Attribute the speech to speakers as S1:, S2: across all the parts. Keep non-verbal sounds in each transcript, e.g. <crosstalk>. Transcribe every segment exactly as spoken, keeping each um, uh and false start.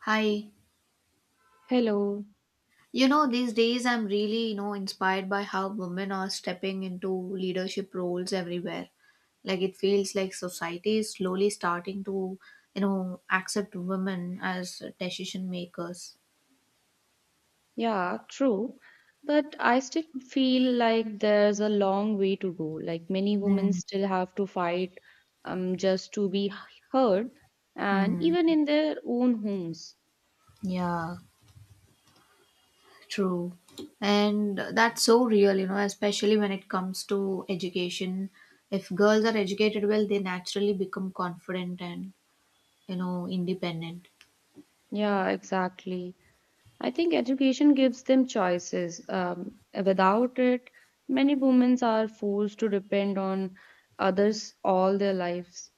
S1: Hi.
S2: Hello.
S1: You know, these days I'm really, you know, inspired by how women are stepping into leadership roles everywhere. Like it feels like society is slowly starting to, you know, accept women as decision makers.
S2: Yeah, true. But I still feel like there's a long way to go. Like many women still have to fight um just to be heard and
S1: Mm-hmm.
S2: even in their own homes.
S1: Yeah, true. And that's so real, you know, especially when it comes to education. If girls are educated well, they naturally become confident and, you know, independent.
S2: Yeah, exactly. I think education gives them choices. Um, without it, many women are forced to depend on others all their lives.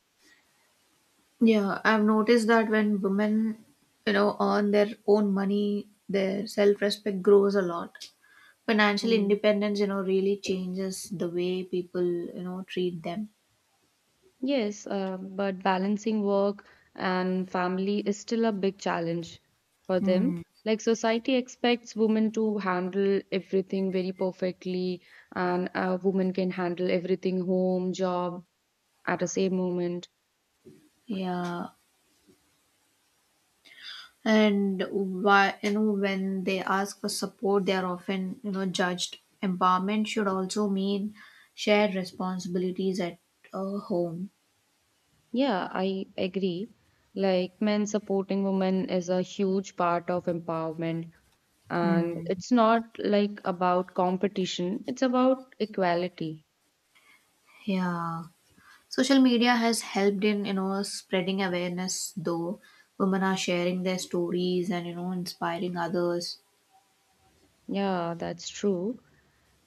S1: Yeah, I've noticed that when women, you know, earn their own money, their self-respect grows a lot. Financial
S2: Hmm.
S1: independence, you know, really changes the way people, you know, treat them.
S2: Yes, uh, but balancing work and family is still a big challenge for them.
S1: Hmm.
S2: Like society expects women to handle everything very perfectly, and a woman can handle everything home, job at the same moment.
S1: Yeah. And why, you know, when they ask for support, they are often, you know, judged. Empowerment should also mean shared responsibilities at uh, home.
S2: Yeah, I agree. Like men supporting women is a huge part of empowerment, and
S1: Hmm.
S2: it's not like about competition, it's about equality.
S1: Yeah. Social media has helped in, you know, spreading awareness though. Women are sharing their stories and, you know, inspiring others.
S2: Yeah, that's true.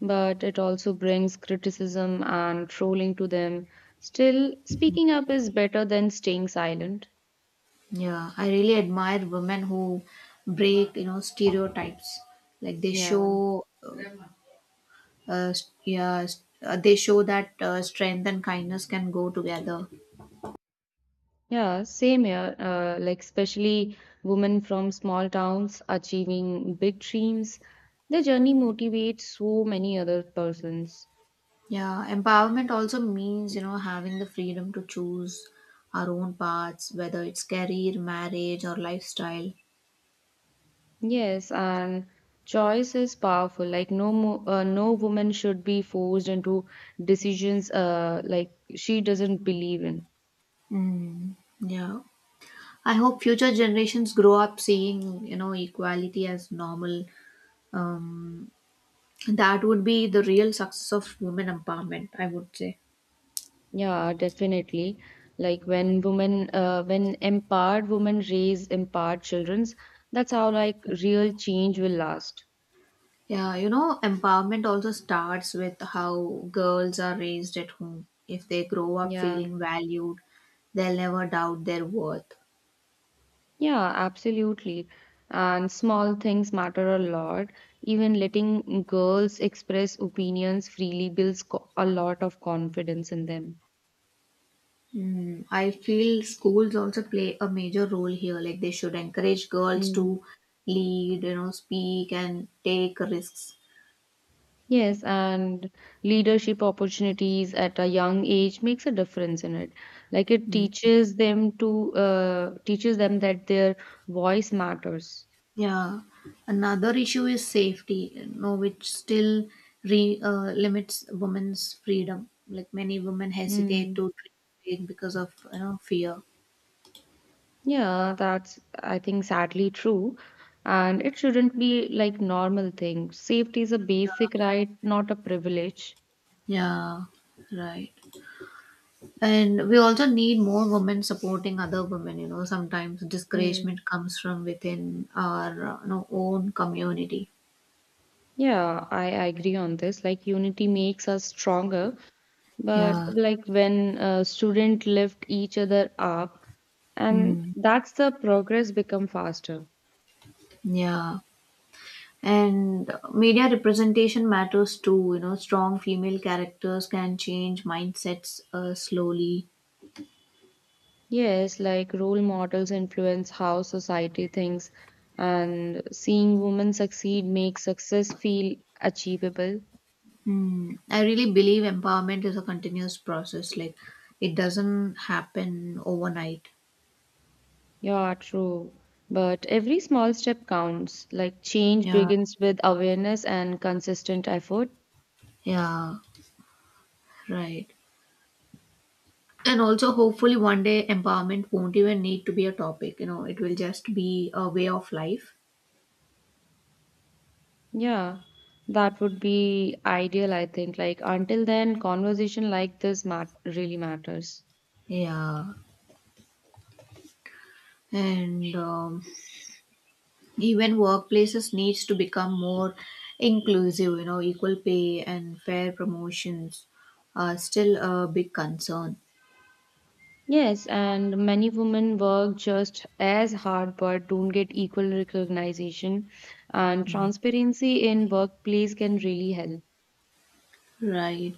S2: But it also brings criticism and trolling to them. Still, speaking up is better than staying silent.
S1: Yeah, I really admire women who break, you know, stereotypes. Like they
S2: Yeah,
S1: show, uh, st- yeah, s- uh, they show that uh, strength and kindness can go together.
S2: yeah, same here. Uh, like, especially women from small towns achieving big dreams, their journey motivates so many other persons.
S1: Yeah, empowerment also means, you know, having the freedom to choose our own paths, whether it's career, marriage, or lifestyle.
S2: Yes, and choice is powerful. Like, no, mo uh, no woman should be forced into decisions uh, like she doesn't believe in.
S1: Mm, yeah, I hope future generations grow up seeing, you know, equality as normal. That would be the real success of women empowerment, I would say.
S2: Yeah, definitely. Like when women, uh, when empowered women raise empowered childrens, that's how like real change will last.
S1: Yeah, you know, empowerment also starts with how girls are raised at home. If they grow up
S2: Yeah,
S1: feeling valued, they'll never doubt their worth.
S2: yeah, absolutely. And small things matter a lot. Even letting girls express opinions freely builds co- a lot of confidence in them.
S1: Mm, I feel schools also play a major role here. Like they should encourage girls
S2: Hmm.
S1: to lead, you know, speak and take risks.
S2: Yes, and leadership opportunities at a young age makes a difference in it. Like it teaches them to uh, teaches them that their voice matters.
S1: Yeah, another issue is safety, you know, which still re, uh, limits women's freedom. Like many women hesitate
S2: Mm.
S1: to drink because of you know fear.
S2: Yeah, that's I think sadly true. And it shouldn't be like normal thing. Safety is a basic right, not a privilege.
S1: Yeah, right. And we also need more women supporting other women. You know, sometimes
S2: Hmm.
S1: discouragement comes from within our uh, you know, own community.
S2: Yeah, I agree on this. Like unity makes us stronger, but
S1: Yeah.
S2: like when uh, student lift each other up, and
S1: Mm.
S2: that's the progress become faster.
S1: Yeah. And media representation matters too. You know, strong female characters can change mindsets uh, slowly.
S2: Yes, like role models influence how society thinks, and seeing women succeed makes success feel achievable.
S1: Hmm. I really believe empowerment is a continuous process. Like, it doesn't happen overnight.
S2: Yeah, true. But every small step counts. Like change
S1: Yeah,
S2: begins with awareness and consistent effort.
S1: yeah, right. And also, hopefully, one day empowerment won't even need to be a topic. You know, it will just be a way of life.
S2: Yeah, that would be ideal, I think. Like, until then, conversation like this mat really matters.
S1: Yeah, and um, even workplaces needs to become more inclusive. You know equal pay and fair promotions are still a big concern.
S2: Yes, and many women work just as hard but don't get equal recognition, and transparency in workplace can really help.
S1: Right,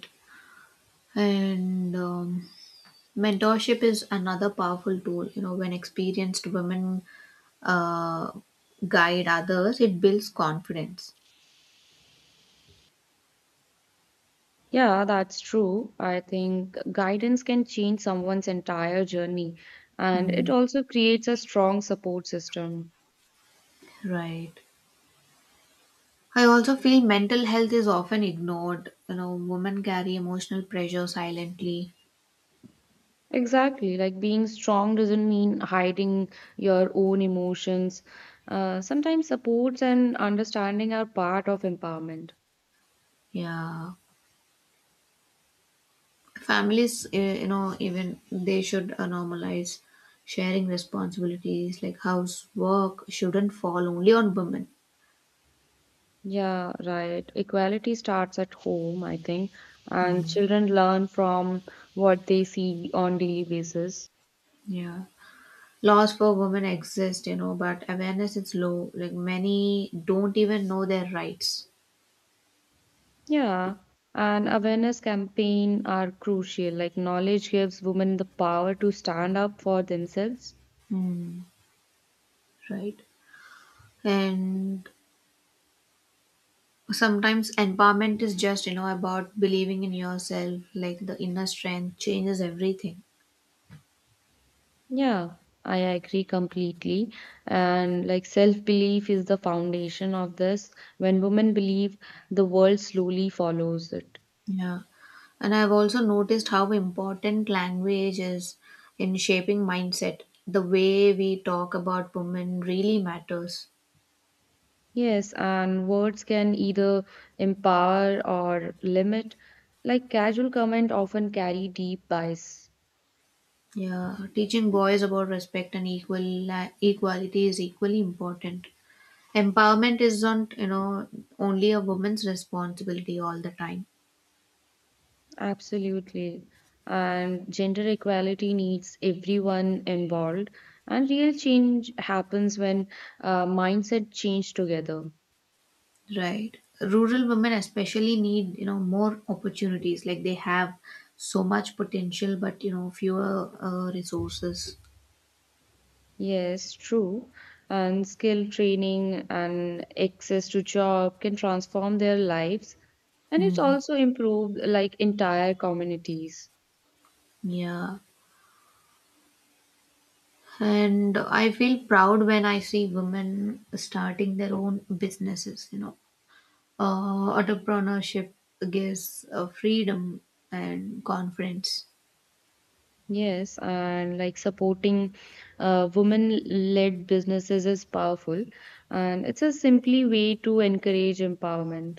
S1: and um, mentorship is another powerful tool. You know when experienced women uh, guide others, it builds confidence.
S2: Yeah, that's true. I think guidance can change someone's entire journey, and it
S1: Mm,
S2: also creates a strong support system.
S1: right. I also feel mental health is often ignored. You know, women carry emotional pressure silently.
S2: Exactly. Like being strong doesn't mean hiding your own emotions. Uh, sometimes supports and understanding are part of empowerment.
S1: Yeah. Families, eh, you know, even they should uh, normalize sharing responsibilities, like house work shouldn't fall only on women.
S2: Yeah, right. Equality starts at home, I think, and
S1: Mm,
S2: children learn from what they see on daily basis.
S1: yeah. Laws for women exist, you know, but awareness is low. Like many don't even know their rights.
S2: Yeah, and awareness campaign are crucial. Like knowledge gives women the power to stand up for themselves.
S1: Mm, right. And sometimes empowerment is just, you know, about believing in yourself, like the inner strength changes everything.
S2: Yeah, I agree completely. And like self-belief is the foundation of this. When women believe, the world slowly follows it.
S1: Yeah. And I've also noticed how important language is in shaping mindset. The way we talk about women really matters.
S2: Yes, and words can either empower or limit. Like casual comment often carry deep bias.
S1: Yeah. Teaching boys about respect and equal la- equality is equally important. Empowerment isn't, you know, only a woman's responsibility all the time.
S2: Absolutely. And gender equality needs everyone involved. And real change happens when uh, mindset change together.
S1: Right. Rural women especially need, you know, more opportunities. Like they have so much potential, but, you know, fewer uh, resources.
S2: Yes, true. And skill training and access to job can transform their lives. And it's
S1: Mm.
S2: also improved like entire communities.
S1: Yeah, and I feel proud when I see women starting their own businesses, you know. Uh, entrepreneurship gives uh, freedom and confidence.
S2: Yes, and like supporting uh, women-led businesses is powerful. And it's a simply way to encourage empowerment.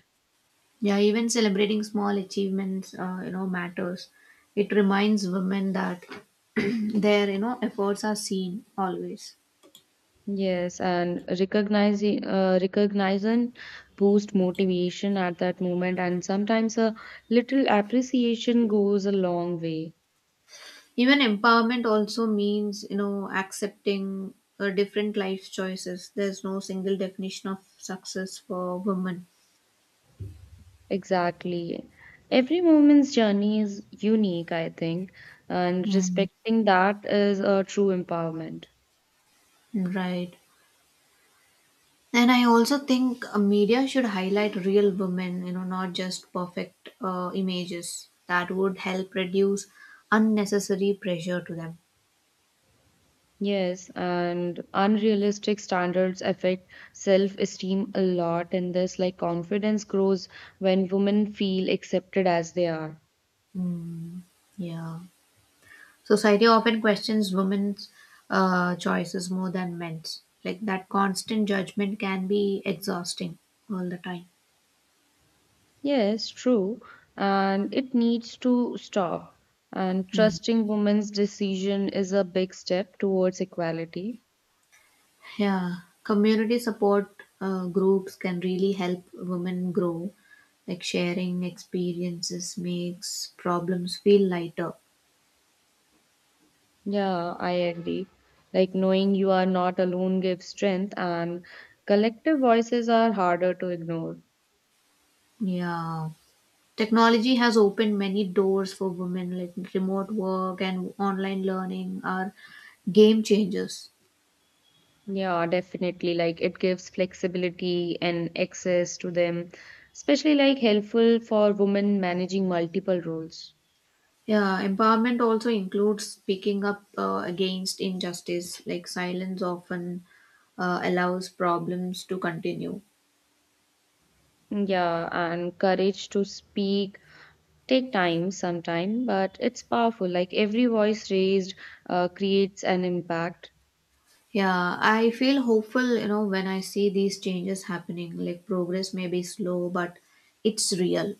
S1: Yeah, even celebrating small achievements, uh, you know, matters. It reminds women that <clears throat> their, you know, efforts are seen always.
S2: Yes, and recognizing uh, recognizing boost motivation at that moment, and sometimes a little appreciation goes a long way.
S1: Even empowerment also means, you know, accepting uh, different life choices. There's no single definition of success for women.
S2: Exactly. Every woman's journey is unique, I think, and respecting that is a true empowerment.
S1: Right. And I also think uh, media should highlight real women, you know, not just perfect uh, images. That would help reduce unnecessary pressure to them.
S2: Yes, and unrealistic standards affect self-esteem a lot in this, like confidence grows when women feel accepted as they are.
S1: Mm, yeah. Society often questions women's uh, choices more than men's. Like that constant judgment can be exhausting all the time.
S2: Yes, true, and it needs to stop. And
S1: Hmm.
S2: trusting women's decision is a big step towards equality.
S1: Yeah, community support uh, groups can really help women grow. Like sharing experiences makes problems feel lighter.
S2: Yeah, I agree. Like knowing you are not alone gives strength, and collective voices are harder to ignore.
S1: Yeah. Technology has opened many doors for women, like remote work and online learning are game changers.
S2: Yeah, definitely. Like it gives flexibility and access to them, especially like helpful for women managing multiple roles.
S1: Yeah, empowerment also includes speaking up uh, against injustice, like silence often uh, allows problems to continue.
S2: Yeah, and courage to speak take time sometime, but it's powerful. Like every voice raised uh, creates an impact.
S1: Yeah, I feel hopeful, you know, when I see these changes happening. Like progress may be slow, but it's real.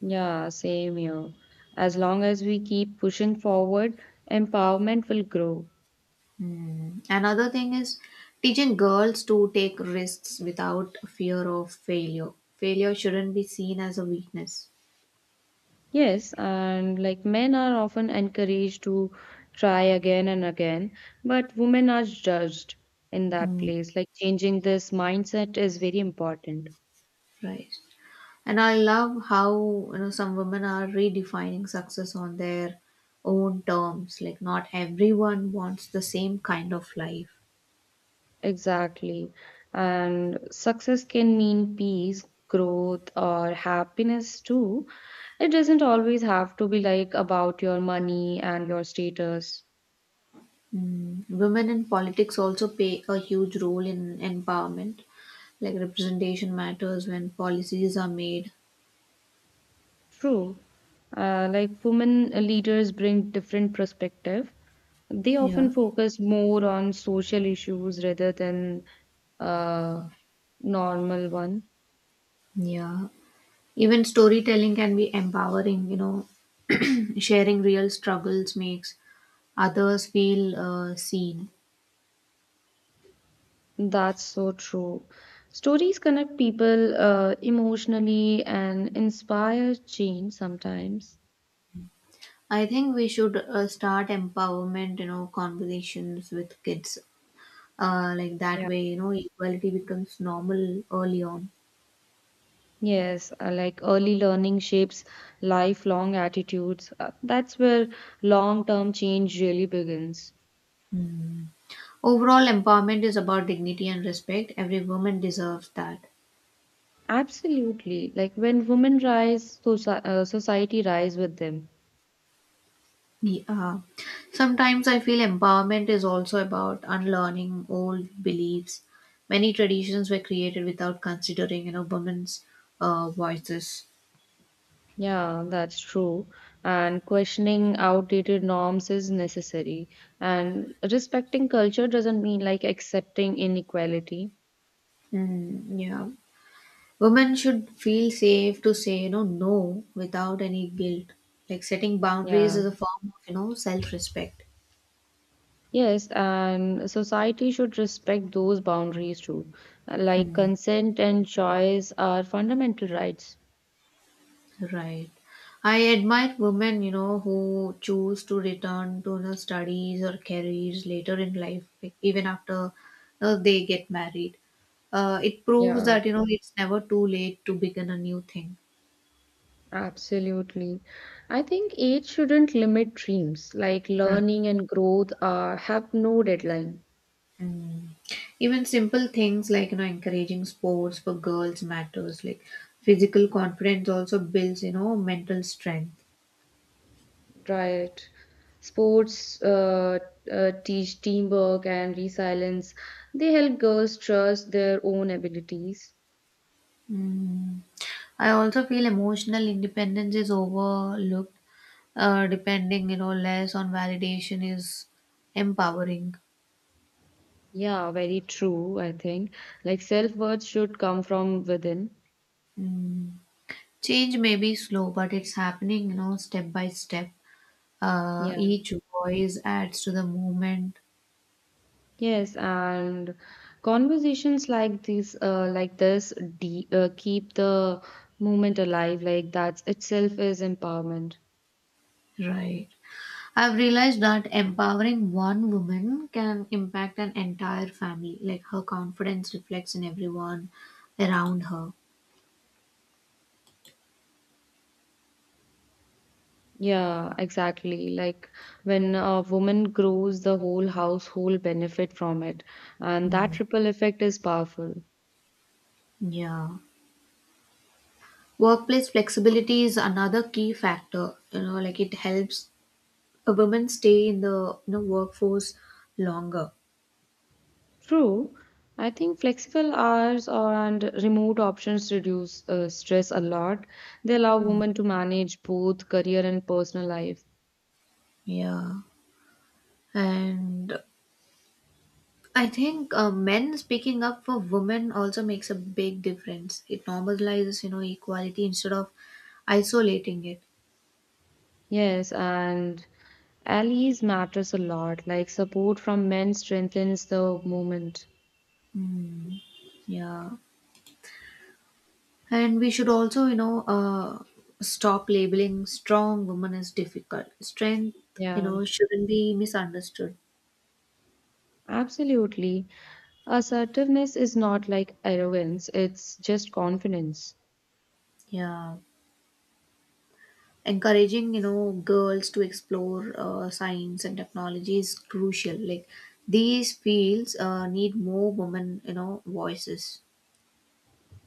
S2: Yeah, same here. As long as we keep pushing forward, empowerment will grow.
S1: Hmm. Another thing is teaching girls to take risks without fear of failure. Failure shouldn't be seen as a weakness.
S2: Yes, and like men are often encouraged to try again and again, but women are judged in that
S1: Hmm.
S2: place. Like changing this mindset is very important.
S1: Right. And I love how, you know, some women are redefining success on their own terms. Like not everyone wants the same kind of life.
S2: Exactly. And success can mean peace, growth, or happiness too. It doesn't always have to be like about your money and your status.
S1: Mm, Women in politics also play a huge role in empowerment. Like representation matters when policies are made.
S2: True. Uh, like women leaders bring different perspective. They
S1: Yeah.
S2: often focus more on social issues rather than uh, normal one.
S1: Yeah, even storytelling can be empowering, you know, <clears throat> sharing real struggles makes others feel uh, seen.
S2: That's so true. Stories connect people uh, emotionally and inspire change sometimes.
S1: I think we should uh, start empowerment, you know, conversations with kids. Uh, like that
S2: Yeah.
S1: way, you know, equality becomes normal early on.
S2: Yes, uh, like early learning shapes lifelong attitudes. Uh, that's where long-term change really begins.
S1: Hmm. Overall, empowerment is about dignity and respect. Every woman deserves that.
S2: Absolutely. Like when women rise, soci uh, society rise with them.
S1: Ye- uh, sometimes I feel empowerment is also about unlearning old beliefs. Many traditions were created without considering, you know, women's uh, voices.
S2: Yeah, that's true. And questioning outdated norms is necessary. And respecting culture doesn't mean like accepting inequality.
S1: Mm, yeah, women should feel safe to say, you know, no without any guilt. Like setting boundaries
S2: Yeah.
S1: is a form of, you know, self-respect.
S2: Yes, and society should respect those boundaries too. Like
S1: Mm.
S2: consent and choice are fundamental rights.
S1: Right. I admire women, you know, who choose to return to the studies or careers later in life, like, even after uh, they get married. Uh, it proves
S2: Yeah.
S1: that, you know, it's never too late to begin a new thing.
S2: Absolutely. I think age shouldn't limit dreams, like
S1: Right.
S2: learning and growth are have no deadline,
S1: Mm. Even simple things like, you know, encouraging sports for girls matters. Like physical confidence also builds, you know, mental strength.
S2: right? Sports uh, uh, teach teamwork and resilience. They help girls trust their own abilities.
S1: Mm. I also feel emotional independence is overlooked, uh, depending you know less on validation is empowering.
S2: Yeah, very true, I think. Like self-worth should come from within.
S1: Mm. Change may be slow, but it's happening, you know step by step. Uh,
S2: Yeah.
S1: each voice adds to the movement.
S2: Yes, and conversations like this, uh, like this, de uh, keep the movement alive. Like that itself is empowerment.
S1: Right, I've realized that empowering one woman can impact an entire family, like her confidence reflects in everyone around her.
S2: Yeah, exactly. Like when a woman grows, the whole household benefit from it, and
S1: Mm.
S2: that ripple effect is powerful.
S1: Yeah, workplace flexibility is another key factor, you know like it helps a women stay in the you know workforce longer.
S2: True. I think flexible hours or and remote options reduce uh, stress a lot. They allow
S1: Mm.
S2: women to manage both career and personal life.
S1: Yeah, and I think uh, men speaking up for women also makes a big difference. It normalizes you know equality instead of isolating it.
S2: Yes, and Allies matters a lot. Like support from men strengthens the movement.
S1: Mm. Yeah, and we should also you know uh, stop labeling strong women as difficult. Strength you
S2: Yeah,
S1: know shouldn't be misunderstood.
S2: absolutely. Assertiveness is not like arrogance, it's just confidence.
S1: Yeah, encouraging you know girls to explore uh, science and technology is crucial. Like these fields uh, need more women you know voices.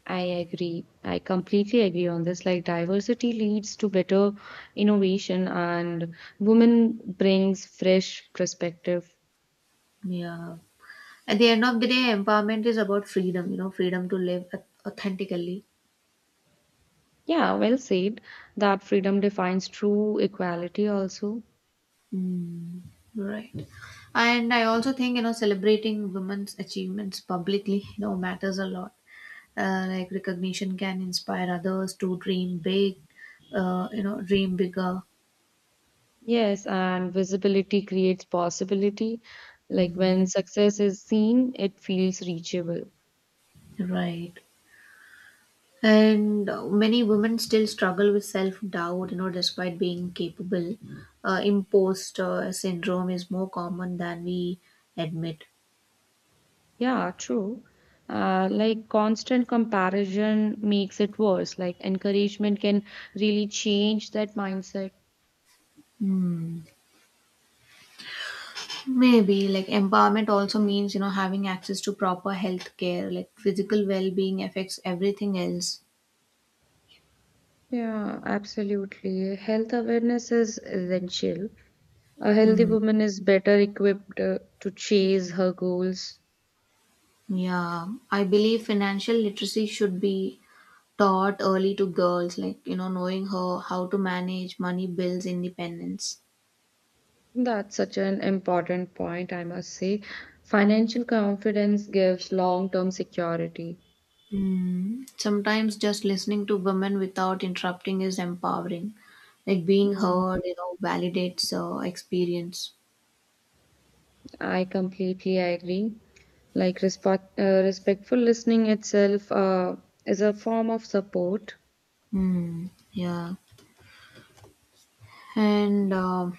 S2: I agree. I completely agree on this. Like diversity leads to better innovation and women brings fresh perspective.
S1: Yeah, at the end of the day, empowerment is about freedom, you know freedom to live au- authentically
S2: Yeah, well said. That freedom defines true equality also.
S1: Mm, right. And I also think, you know, celebrating women's achievements publicly, you know, matters a lot. Uh, like recognition can inspire others to dream big uh, you know dream bigger
S2: Yes, and visibility creates possibility. Like when success is seen, it feels reachable.
S1: Right. And uh, many women still struggle with self doubt, you know, despite being capable. Uh, imposter syndrome is more common than we admit.
S2: Yeah, true. Uh, like constant comparison makes it worse. Like encouragement can really change that mindset.
S1: Hmm. Maybe like empowerment also means, you know, having access to proper health care, like physical well being affects everything else.
S2: Yeah, absolutely. Health awareness is essential. A healthy
S1: Hmm.
S2: woman is better equipped uh, to chase her goals.
S1: Yeah, I believe financial literacy should be taught early to girls, like, you know, knowing how, how to manage money, bills, independence.
S2: That's such an important point, I must say. Financial confidence gives long-term security.
S1: Mm, sometimes just listening to women without interrupting is empowering. Like being
S2: Mm,
S1: heard, you know, validates uh, experience.
S2: I completely agree. Like respect, uh, respectful listening itself uh, is a form of support.
S1: Mm, yeah. And uh,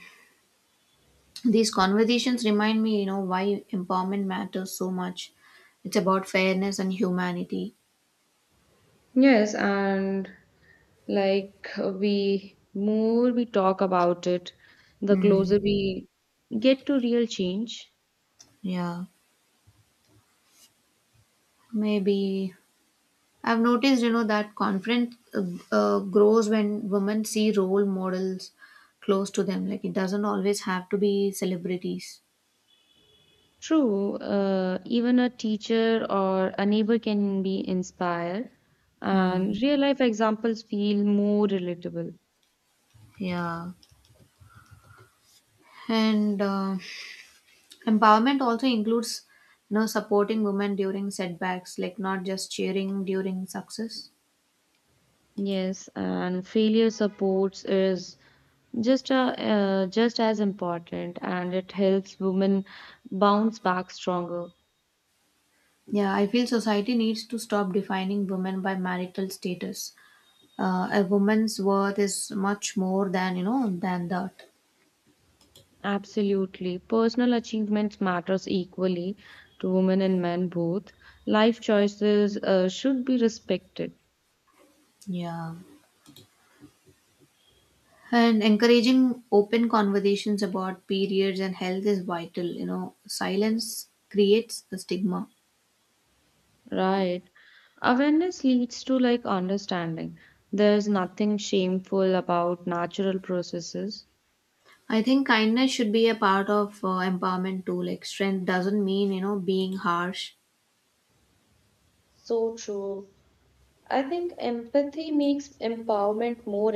S1: these conversations remind me, you know, why empowerment matters so much. It's about fairness and humanity.
S2: Yes, and like we more we talk about it, the
S1: Mm,
S2: closer we get to real change.
S1: yeah. Maybe I've noticed, you know, that confidence uh, uh, grows when women see role models close to them. Like it doesn't always have to be celebrities.
S2: True, uh, even a teacher or a neighbor can be inspired,
S1: Mm,
S2: and real life examples feel more relatable.
S1: yeah, and uh, empowerment also includes, you know, supporting women during setbacks, like not just cheering during success.
S2: Yes, and failure supports is just a, uh, just as important, and it helps women bounce back stronger.
S1: Yeah, I feel society needs to stop defining women by marital status. Uh, a woman's worth is much more than you know than that.
S2: Absolutely, personal achievements matters equally to women and men both. Life choices uh, should be respected.
S1: Yeah, and encouraging open conversations about periods and health is vital. You know, silence creates a stigma.
S2: Right. Awareness leads to like understanding. There's nothing shameful about natural processes.
S1: I think kindness should be a part of uh, empowerment too. Like strength doesn't mean, you know, being harsh.
S2: So true. I think empathy makes empowerment more